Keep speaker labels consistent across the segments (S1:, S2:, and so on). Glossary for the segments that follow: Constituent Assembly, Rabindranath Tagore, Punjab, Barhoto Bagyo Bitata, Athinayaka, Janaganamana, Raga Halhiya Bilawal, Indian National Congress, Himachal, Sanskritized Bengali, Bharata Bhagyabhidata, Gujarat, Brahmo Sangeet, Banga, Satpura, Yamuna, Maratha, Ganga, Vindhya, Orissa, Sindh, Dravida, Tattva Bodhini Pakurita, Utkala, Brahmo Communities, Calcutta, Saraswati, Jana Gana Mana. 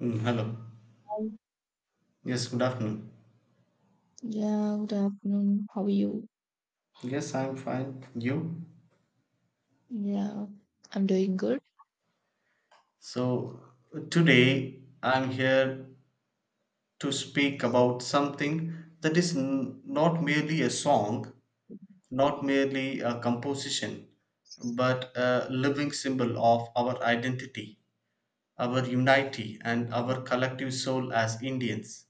S1: Hello. Yes, good afternoon.
S2: Yeah, good afternoon. How are you?
S1: Yes, I'm fine. You?
S2: Yeah, I'm doing good.
S1: So, today I'm here to speak about something that is not merely a song, not merely a composition, but a living symbol of our identity, our unity, and our collective soul as Indians.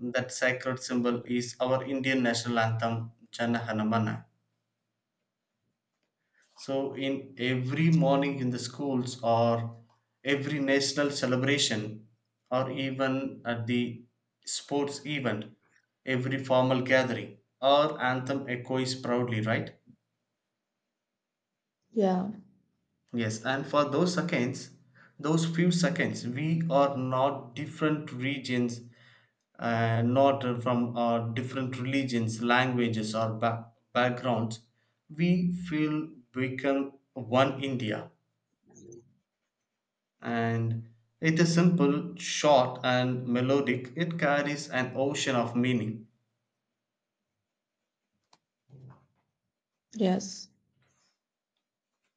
S1: That sacred symbol is our Indian national anthem, Jana Gana Mana. So, in every morning in the schools, or every national celebration, or even at the sports event, every formal gathering, our anthem echoes proudly, right?
S2: Yeah,
S1: Yes, and for those seconds, those few seconds, we are not different regions, not from our different religions, languages, or backgrounds. We feel become one India and it is simple, short, and melodic. It carries an ocean of meaning.
S2: yes,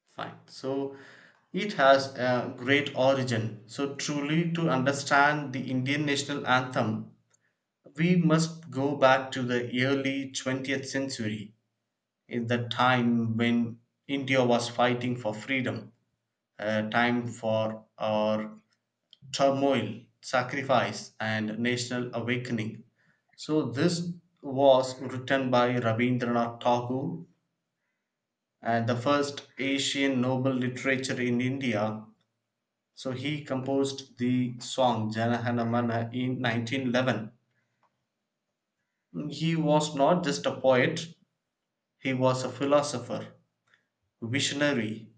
S1: Fine. So it has a great origin. So truly, to understand the Indian national anthem, we must go back to the early 20th century, in the time when India was fighting for freedom, a time for our turmoil, sacrifice, and national awakening. So, this was written by Rabindranath Tagore and the first Asian Nobel literature in India. So, he composed the song Jana Gana Mana in 1911. He was not just a poet, he was a philosopher, visionary,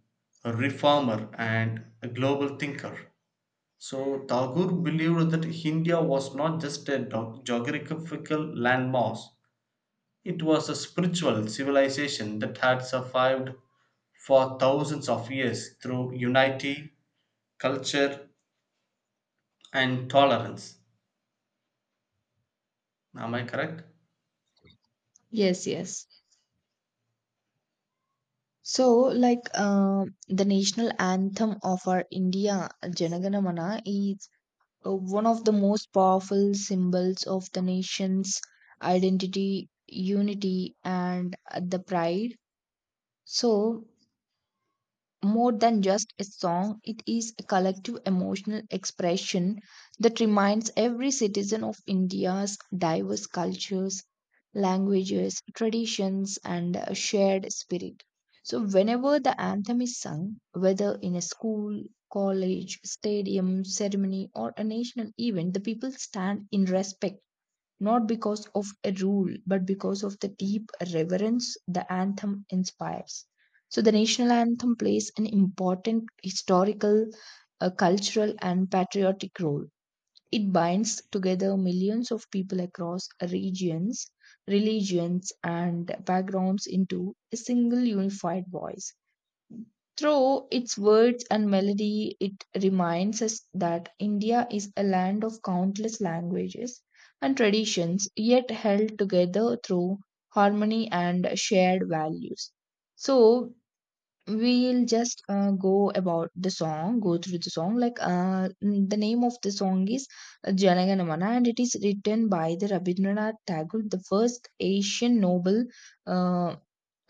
S1: a reformer, and a global thinker. So Tagore believed that India was not just a geographical landmass, it was a spiritual civilization that had survived for thousands of years through unity, culture, and tolerance. Am I correct?
S2: yes, yes. So, the national anthem of our India, Janaganamana, is one of the most powerful symbols of the nation's identity, unity, and the pride. So, more than just a song, it is a collective emotional expression that reminds every citizen of India's diverse cultures, languages, traditions, and shared spirit. So, whenever the anthem is sung, whether in a school, college, stadium, ceremony, or a national event, the people stand in respect not because of a rule, but because of the deep reverence the anthem inspires. So, the national anthem plays an important historical, cultural, and patriotic role. It binds together millions of people across regions, religions, and backgrounds into a single unified voice. Through its words and melody, it reminds us that India is a land of countless languages and traditions, yet held together through harmony and shared values. So, we'll just go about the song, go through the song. Like, the name of the song is Janaganamana, and it is written by the Rabindranath Tagore, the first Asian Nobel. Uh,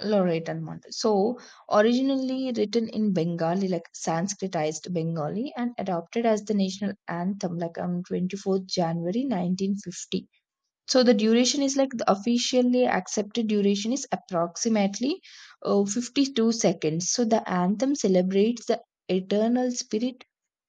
S2: Laureate and Mandal. So, originally written in Bengali, like Sanskritized Bengali, and adopted as the national anthem, like on 24th January 1950. So, the duration is like the officially accepted duration is approximately 52 seconds. So, the anthem celebrates the eternal spirit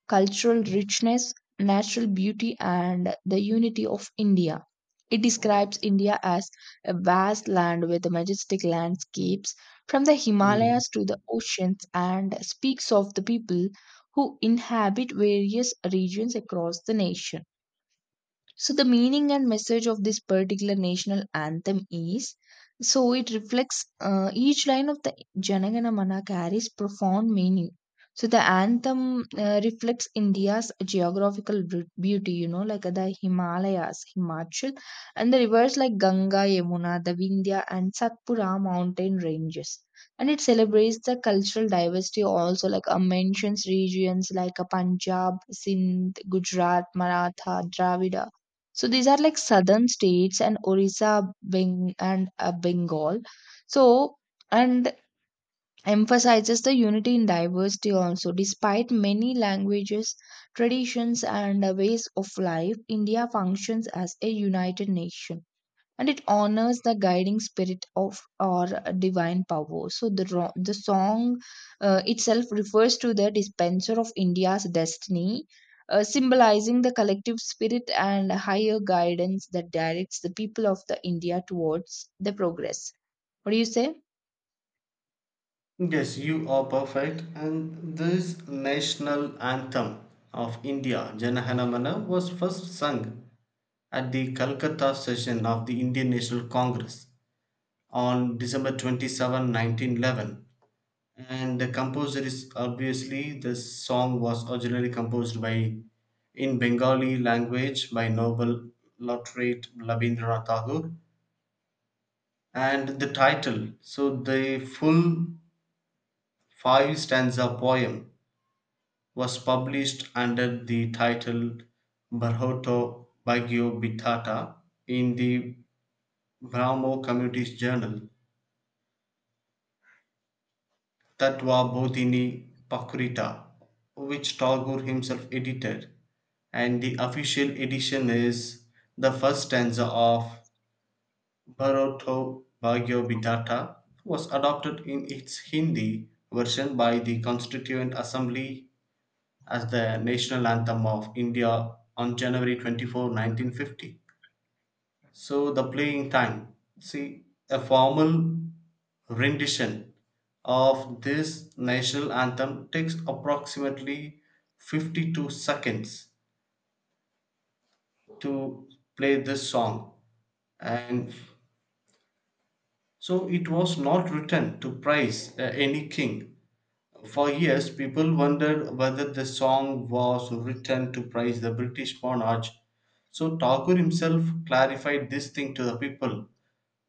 S2: cultural richness, natural beauty, and the unity of India. It describes India as a vast land with majestic landscapes from the
S1: Hmm.
S2: Himalayas to the oceans and speaks of the people who inhabit various regions across the nation. So, the meaning and message of this particular national anthem is so it reflects each line of the Janagana Mana carries profound meaning. So, the anthem reflects India's geographical beauty, you know, like the Himalayas, Himachal, and the rivers like Ganga, Yamuna, the Vindhya, and Satpura mountain ranges. And it celebrates the cultural diversity also, like mentions regions like Punjab, Sindh, Gujarat, Maratha, Dravida, so these are like southern states, and Orissa, Beng and Bengal. So and emphasizes the unity in diversity also. Despite many languages, traditions, and ways of life, India functions as a united nation and it honors the guiding spirit of our divine power. So the song itself refers to the dispenser of India's destiny, symbolizing the collective spirit and higher guidance that directs the people of the India towards the progress. What do you say?
S1: Yes, you are perfect. And this national anthem of India, Jana Gana Mana, was first sung at the Calcutta session of the Indian National Congress on December 27, 1911, and the composer is obviously the song was originally composed by in Bengali language by Nobel laureate Rabindranath Tagore, and the title, so the full five stanza poem was published under the title Barhoto Bagyo Bitata in the Brahmo Communities Journal Tattva Bodhini Pakurita, which Tagore himself edited, and the official edition is the first stanza of Bharata Bhagyabhidata was adopted in its Hindi version by the Constituent Assembly as the national anthem of India on January 24, 1950. So the playing time. See, a formal rendition of this national anthem takes approximately 52 seconds to play this song. And so it was not written to praise any king. For years, people wondered whether the song was written to praise the British monarch. So Tagore himself clarified this thing to the people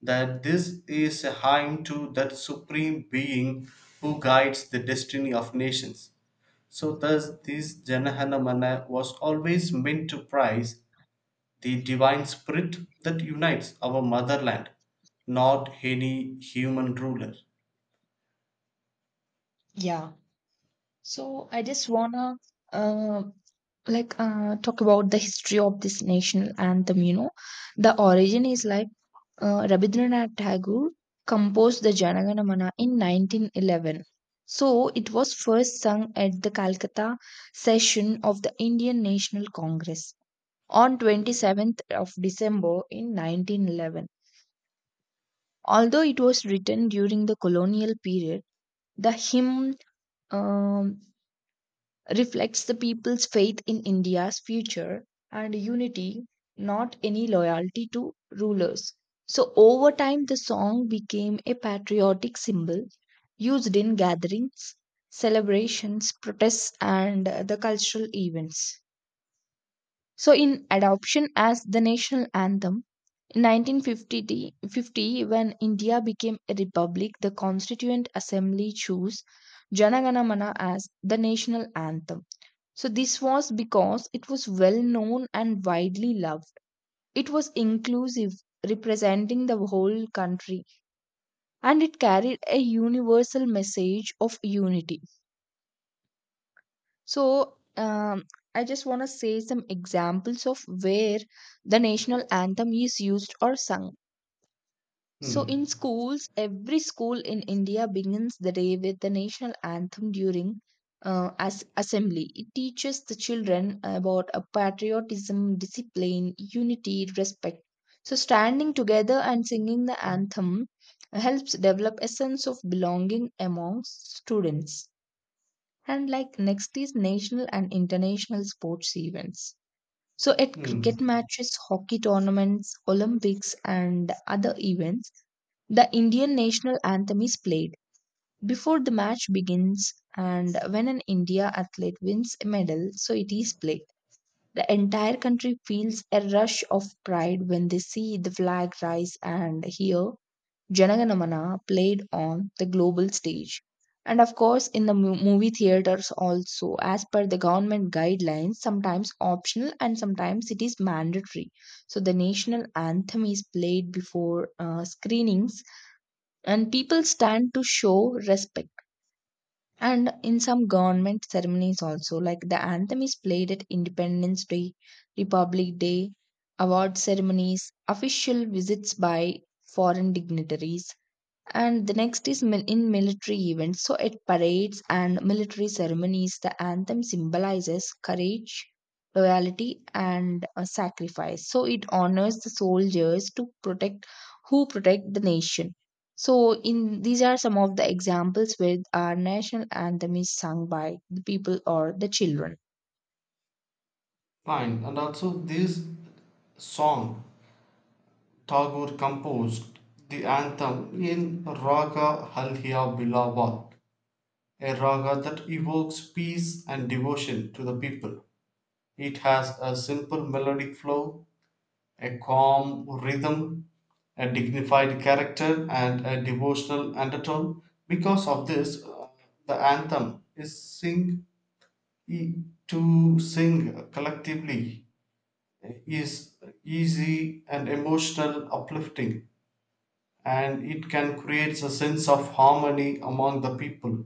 S1: that this is a hymn to that supreme being who guides the destiny of nations. So thus this Janahanamana was always meant to prize the divine spirit that unites our motherland, not any human ruler.
S2: Yeah. So I just wanna uh, talk about the history of this national anthem. You know, the origin is like Rabindranath Tagore composed the Janaganamana in 1911. So it was first sung at the Calcutta session of the Indian National Congress on 27th of December in 1911. Although it was written during the colonial period, the hymn um, reflects the people's faith in India's future and unity, not any loyalty to rulers. So, over time, the song became a patriotic symbol used in gatherings, celebrations, protests, and the cultural events. So, in adoption as the national anthem, in 1950, when India became a republic, the Constituent Assembly chose Jana Gana Mana as the national anthem. So, this was because it was well known and widely loved. It was inclusive, representing the whole country, and it carried a universal message of unity. So, I just want to say some examples of where the national anthem is used or sung. So,
S1: Hmm.
S2: in schools, every school in India begins the day with the national anthem during as assembly. It teaches the children about a patriotism, discipline, unity, respect. So, standing together and singing the anthem helps develop a sense of belonging among students. And like next is national and international sports events. So, at
S1: Hmm.
S2: cricket matches, hockey tournaments, Olympics, and other events, the Indian national anthem is played before the match begins, and when an India athlete wins a medal, so it is played. The entire country feels a rush of pride when they see the flag rise and hear Janaganamana played on the global stage. And of course, in the movie theaters also, as per the government guidelines, sometimes optional and sometimes it is mandatory. So the national anthem is played before screenings and people stand to show respect, and in some government ceremonies also, like the anthem is played at independence day, republic day, award ceremonies, official visits by foreign dignitaries. And the next is in military events. So at parades and military ceremonies, the anthem symbolizes courage, loyalty, and sacrifice. So it honors the soldiers to protect who protect the nation. So in these are some of the examples where our national anthem is sung by the people or the children.
S1: Fine. And also this song, Tagore composed the anthem in Raga Halhiya Bilawal, a raga that evokes peace and devotion to the people. It has a simple melodic flow, a calm rhythm, a dignified character, and a devotional undertone. Because of this, the anthem is sing to sing collectively is easy and emotional uplifting, and it can create a sense of harmony among the people,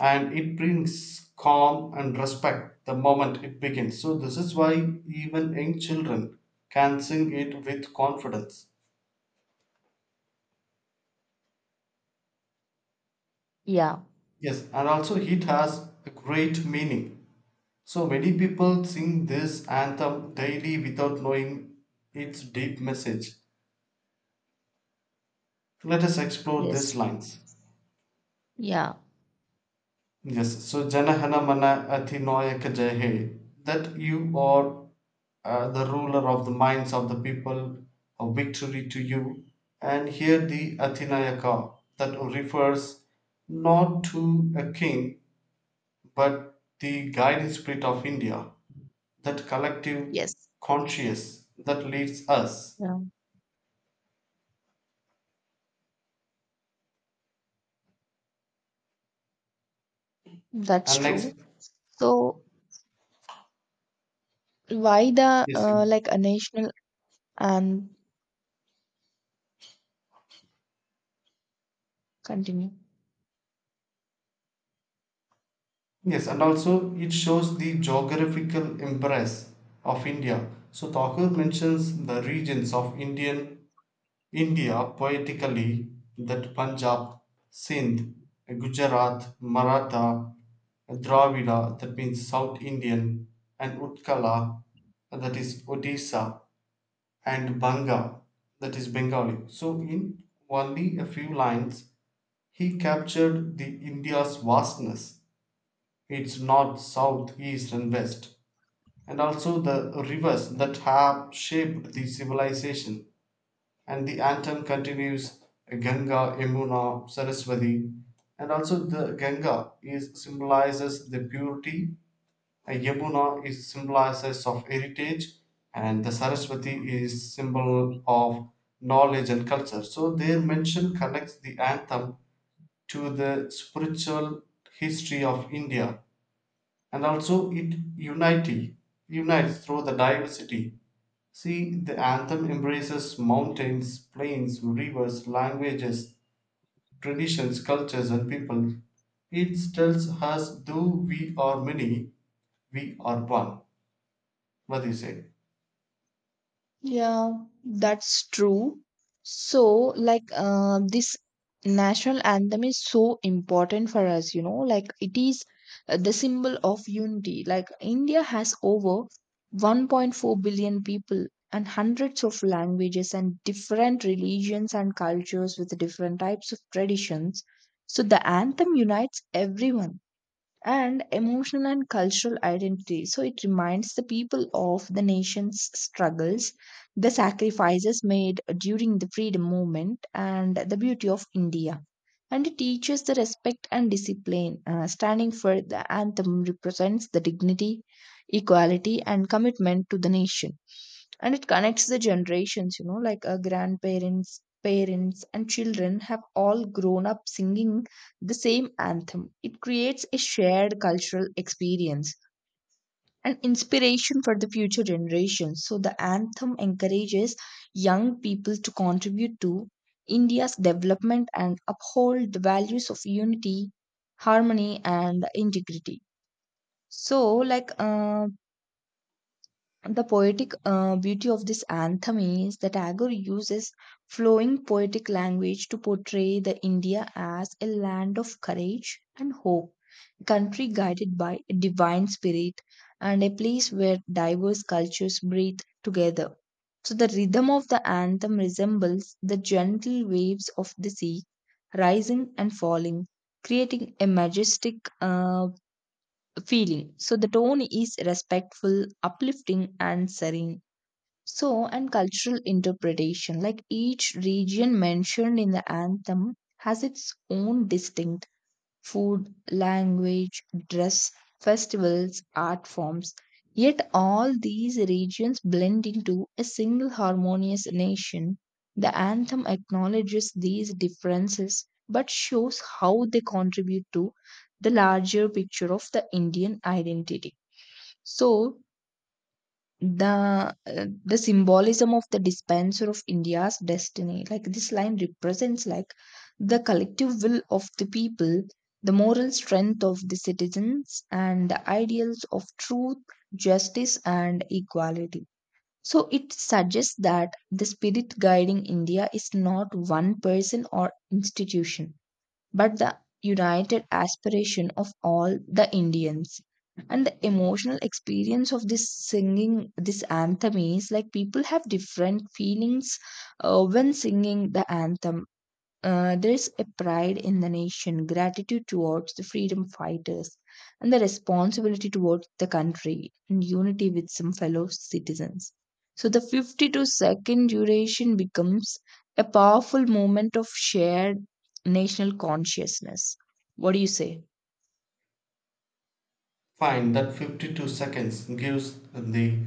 S1: and it brings calm and respect the moment it begins. So, this is why even young children can sing it with confidence.
S2: Yeah.
S1: Yes, and also it has a great meaning. So, many people sing this anthem daily without knowing its deep message. Let us explore these
S2: Yes.
S1: lines.
S2: Yeah.
S1: Yes, so Janahana Mana Athinayak Jai He. That you are the ruler of the minds of the people, a victory to you. And here the Athinayaka that refers not to a king but the guiding spirit of India, that collective
S2: Yes.
S1: conscious that leads us.
S2: Yeah. That's
S1: And next,
S2: true. So why the
S1: yes,
S2: a national anthem? Continue.
S1: yes, and also it shows the geographical embrace of India. So Thakur mentions the regions of India poetically, that Punjab, Sindh, Gujarat, Maratha, Dravida, that means South Indian, and Utkala, that is Odisha, and Banga, that is Bengali. So in only a few lines, he captured the India's vastness, its north, south, east, and west, and also the rivers that have shaped the civilization, and the anthem continues Ganga, Yamuna, Saraswati, and also the Ganga is symbolizes the purity, and Yamuna is symbolizes of heritage, and the Saraswati is symbol of knowledge and culture. So their mention connects the anthem to the spiritual history of India, and also it unity unites through the diversity. See, the anthem embraces mountains, plains, rivers, languages, traditions, cultures, and people. It tells us though we are many, we are one. What do you say?
S2: Yeah, that's true. So, this national anthem is so important for us, you know, like, it is the symbol of unity. Like, India has over 1.4 billion people and hundreds of languages and different religions and cultures with different types of traditions. So, the anthem unites everyone, and emotional and cultural identity. So it reminds the people of the nation's struggles, the sacrifices made during the freedom movement, and the beauty of India. And it teaches the respect and discipline. Standing for the anthem represents the dignity, equality, and commitment to the nation, and it connects the generations, you know, like our grandparents, parents, and children have all grown up singing the same anthem. It creates a shared cultural experience and inspiration for the future generations. So the anthem encourages young people to contribute to india's development and uphold the values of unity, harmony, and integrity. So, like uh, the poetic beauty of this anthem is that Tagore uses flowing poetic language to portray the India as a land of courage and hope, a country guided by a divine spirit, and a place where diverse cultures breathe together. So the rhythm of the anthem resembles the gentle waves of the sea, rising and falling, creating a majestic feeling. So the tone is respectful, uplifting, and serene. So, and cultural interpretation, like each region mentioned in the anthem has its own distinct food, language, dress, festivals, art forms. Yet all these regions blend into a single harmonious nation. The anthem acknowledges these differences but shows how they contribute to the larger picture of the Indian identity. So, the symbolism of the dispenser of india's destiny, like this line represents like the collective will of the people, the moral strength of the citizens, and the ideals of truth, justice, and equality. So it suggests that the spirit guiding india is not one person or institution but the united aspiration of all the Indians. And the emotional experience of this singing, this anthem is like people have different feelings when singing the anthem. There's a pride in the nation, gratitude towards the freedom fighters, and the responsibility towards the country, and unity with some fellow citizens. So the 52-second duration becomes a powerful moment of shared national consciousness. What do you say?
S1: Fine, that 52 seconds gives the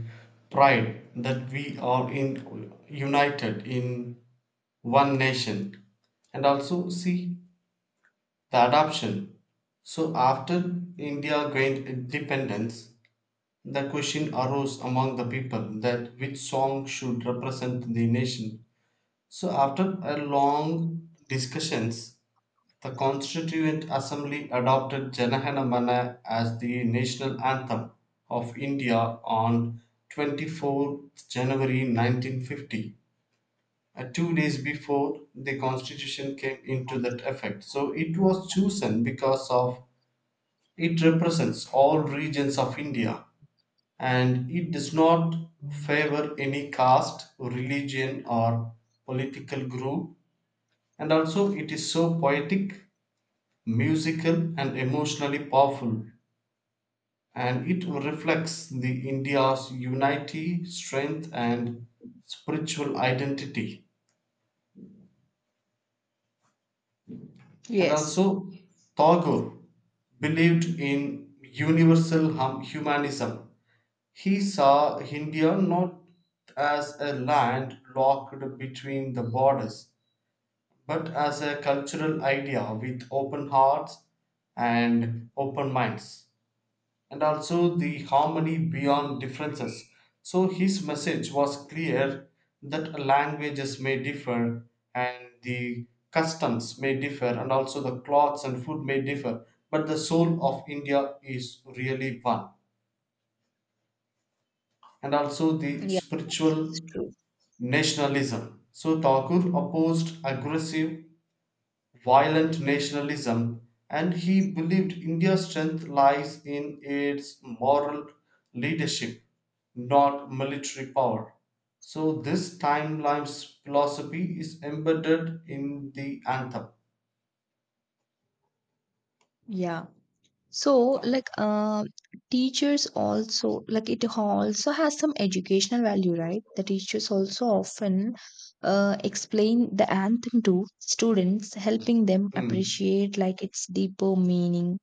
S1: pride that we are in united in one nation, and also see the adoption. So, after India gained independence, the question arose among the people that which song should represent the nation. So, after a long discussions, the Constituent Assembly adopted Janahana Mana as the national anthem of India on 24th January 1950, 2 days before the constitution came into that effect. So it was chosen because of it represents all regions of India, and it does not favor any caste, religion, or political group, and also it is so poetic, musical, and emotionally powerful, and it reflects the India's unity, strength, and spiritual identity. And
S2: Yes.
S1: also, Tagore believed in universal humanism. He saw India not as a land locked between the borders, but as a cultural idea with open hearts and open minds, and also the harmony beyond differences. So his message was clear that languages may differ, and the customs may differ, and also the clothes and food may differ, but the soul of india is really one, and also the
S2: Yeah, that's
S1: spiritual
S2: true.
S1: nationalism. So Thakur opposed aggressive, violent nationalism, and he believed India's strength lies in its moral leadership, not military power. So this timeline's philosophy is embedded in the anthem.
S2: Yeah. So,
S1: Fine.
S2: teachers also, like, it also has some educational value, right? The teachers also often explain the anthem to students, helping them
S1: Mm.
S2: appreciate, like, its deeper meaning,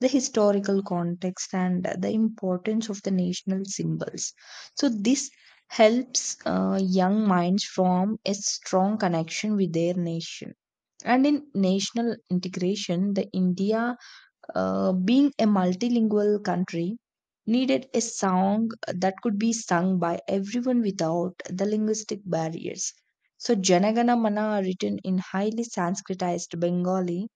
S2: the historical context, and the importance of the national symbols. So, this helps young minds form a strong connection with their nation. And in national integration, the India being a multilingual country needed a song that could be sung by everyone without the linguistic barriers. So, Janagana Mana, written in highly Sanskritized Bengali,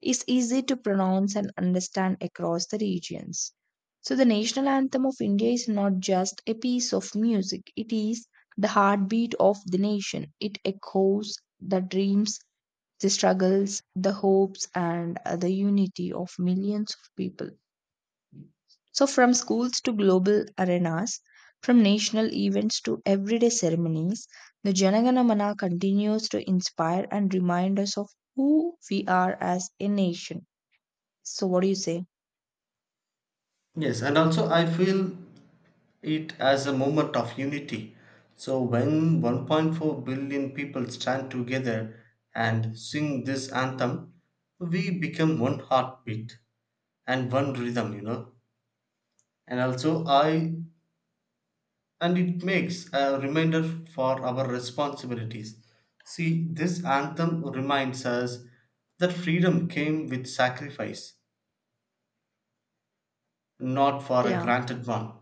S2: is easy to pronounce and understand across the regions. So, the national anthem of India is not just a piece of music, it is the heartbeat of the nation. It echoes the dreams, the struggles, the hopes, and the unity of millions of people. So, from schools to global arenas, from national events to everyday ceremonies, the Janaganamana continues to inspire and remind us of who we are as a nation. So, what do you say?
S1: Yes, and also I feel it as a moment of unity. So when 1.4 billion people stand together and sing this anthem, we become one heartbeat and one rhythm, you know. And also, I and it makes a reminder for our responsibilities. See, this anthem reminds us that freedom came with sacrifice, not for a
S2: Yeah,
S1: granted one.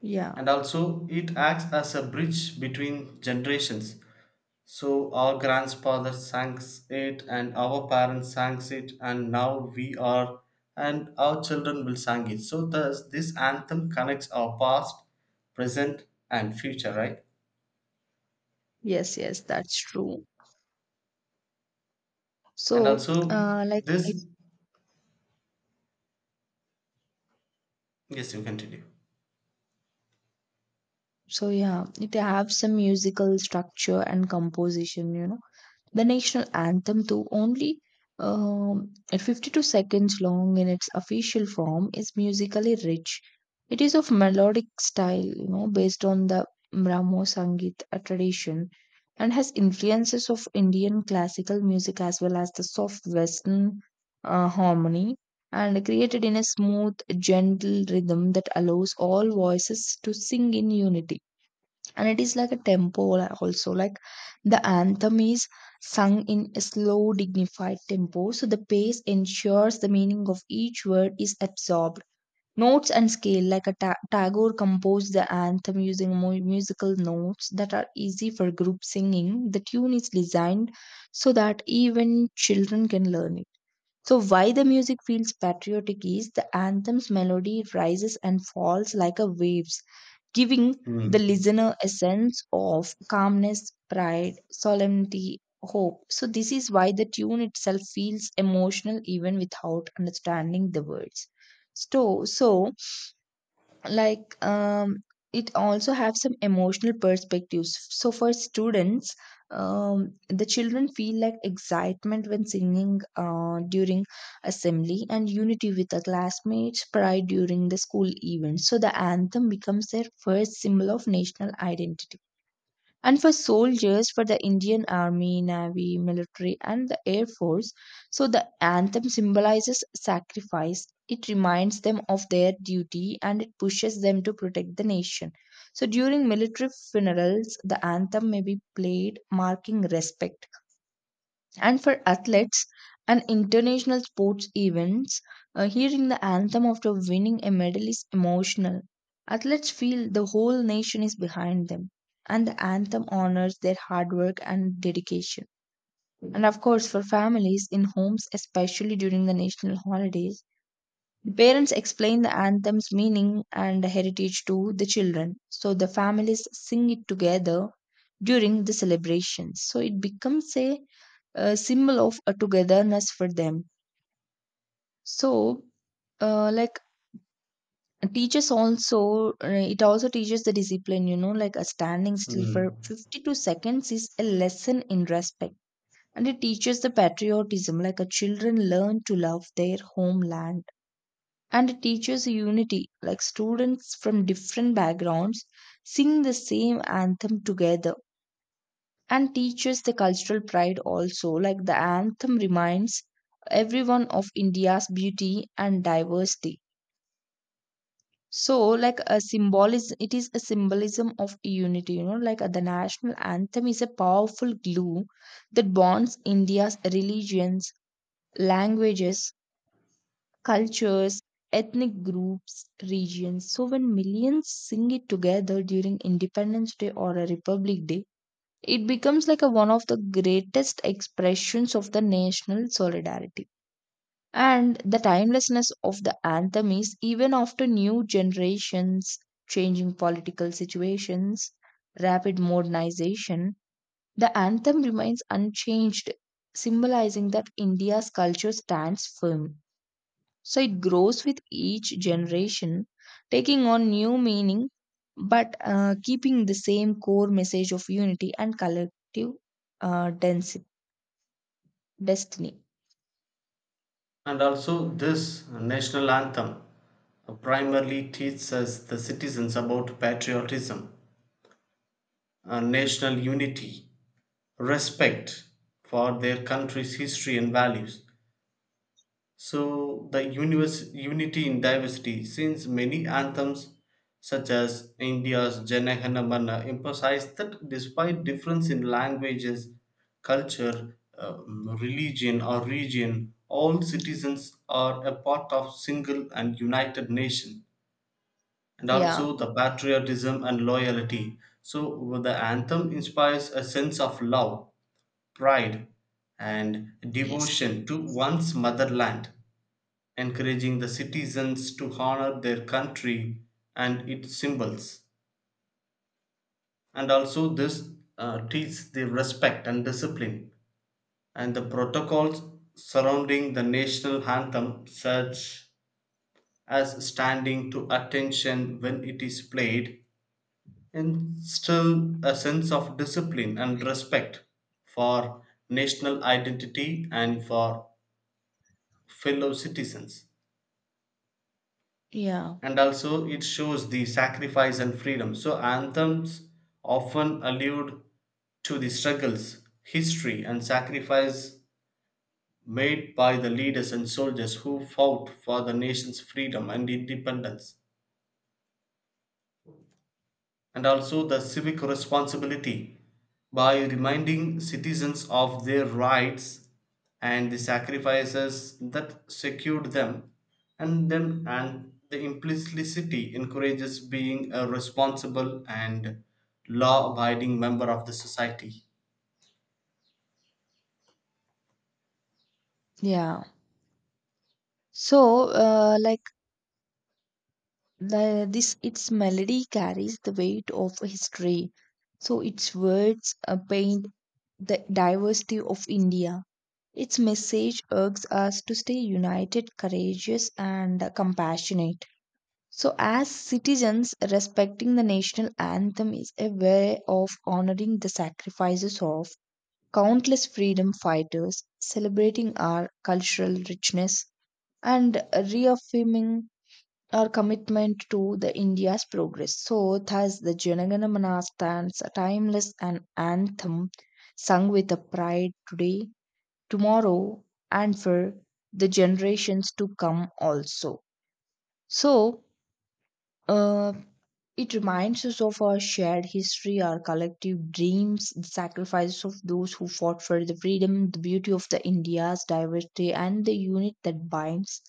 S2: yeah,
S1: And also, it acts as a bridge between generations. So our grandfathers sang it, and our parents sang it, and now we are, and our children will sing it. So thus this anthem connects our past, present, and future, right?
S2: yes, yes, that's true.
S1: And
S2: So,
S1: also this, yes, you continue.
S2: so yeah, it have some musical structure and composition, you know. The national anthem, though only at 52 seconds long in its official form, is musically rich. It is of melodic style, you know, based on the Brahmo Sangeet tradition and has influences of Indian classical music as well as the soft Western harmony, and created in a smooth, gentle rhythm that allows all voices to sing in unity. And it is like a tempo, also like the anthem is sung in a slow, dignified tempo, so the pace ensures the meaning of each word is absorbed. Notes and scale, like a Tagore composed the anthem using musical notes that are easy for group singing. The tune is designed so that even children can learn it. So, why the music feels patriotic is the anthem's melody rises and falls like a waves, giving the
S1: Mm.
S2: listener a sense of calmness, pride, solemnity, hope. So, this is why the tune itself feels emotional even without understanding the words. So, like um, it also have some emotional perspectives. So for students, the children feel like excitement when singing during assembly, and unity with the classmates, pride during the school event, so the anthem becomes their first symbol of national identity. And for soldiers, for the Indian Army, Navy, military, and the Air Force. So the anthem symbolizes sacrifice. It reminds them of their duty and it pushes them to protect the nation. So during military funerals, the anthem may be played, marking respect. And for athletes and international sports events, hearing the anthem after winning a medal is emotional. Athletes feel the whole nation is behind them, and the anthem honors their hard work and dedication. And of course, for families in homes, especially during the national holidays, the parents explain the anthem's meaning and heritage to the children. So the families sing it together during the celebrations. So it becomes a, symbol of a togetherness for them. So, like teaches also, it also teaches the discipline, you know, like a standing still for
S1: Mm.
S2: 52 seconds is a lesson in respect. And it teaches the patriotism, like a children learn to love their homeland, and it teaches unity, like students from different backgrounds sing the same anthem together, and teaches the cultural pride also, like the anthem reminds everyone of India's beauty and diversity. So, like a symbolism, it is a symbolism of unity, you know, like the national anthem is a powerful glue that bonds India's religions, languages, cultures, ethnic groups, regions. So when millions sing it together during Independence Day or a Republic Day, it becomes like a, one of the greatest expressions of the national solidarity. And the timelessness of the anthem is even after new generations, changing political situations, rapid modernization, the anthem remains unchanged, symbolizing that India's culture stands firm. So it grows with each generation, taking on new meaning, but keeping the same core message of unity and collective uh, densi- destiny.
S1: And also this national anthem primarily teaches us the citizens about patriotism, national unity, respect for their country's history and values. So, the universe, unity in diversity, since many anthems such as India's Jana Gana Mana emphasize that despite difference in languages, culture, religion, or region, all citizens are a part of single and united nation, and
S2: Yeah.
S1: also the patriotism and loyalty. So, the anthem inspires a sense of love, pride, and
S2: Yes.
S1: devotion to one's motherland, encouraging the citizens to honor their country and its symbols. And also, this teaches the respect and discipline. And the protocols surrounding the national anthem, such as standing to attention when it is played, instill a sense of discipline and respect for national identity and for fellow citizens.
S2: Yeah,
S1: And also it shows the sacrifice and freedom. So anthems often allude to the struggles, history, and sacrifice made by the leaders and soldiers who fought for the nation's freedom and independence. And also the civic responsibility, by reminding citizens of their rights and the sacrifices that secured them and them, and the implicitly encourages being a responsible and law abiding member of the society.
S2: yeah. So, like this, its melody carries the weight of history. So its words paint the diversity of India. Its message urges us to stay united, courageous, and compassionate. So, as citizens, respecting the national anthem is a way of honoring the sacrifices of countless freedom fighters, celebrating our cultural richness, and reaffirming our commitment to the India's progress. So, thus, the Janagana Mana stands a timeless and anthem sung with a pride today, tomorrow, and for the generations to come also. So, uh, it reminds us of our shared history, our collective dreams, the sacrifices of those who fought for the freedom, the beauty of the India's diversity, and the unit that binds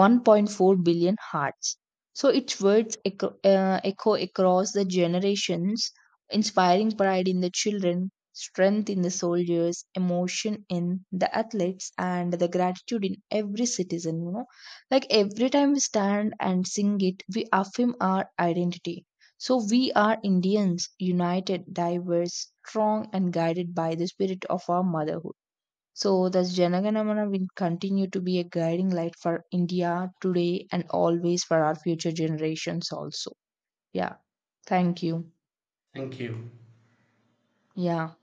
S2: 1.4 billion hearts. So its words echo, echo across the generations, inspiring pride in the children, strength in the soldiers, emotion in the athletes, and the gratitude in every citizen. You know, like every time we stand and sing it, we affirm our identity. So we are Indians, united, diverse, strong, and guided by the spirit of our motherhood. So, thus Janaganamana will continue to be a guiding light for India today and always for our future generations also. Yeah. Thank you.
S1: Thank you.
S2: Yeah.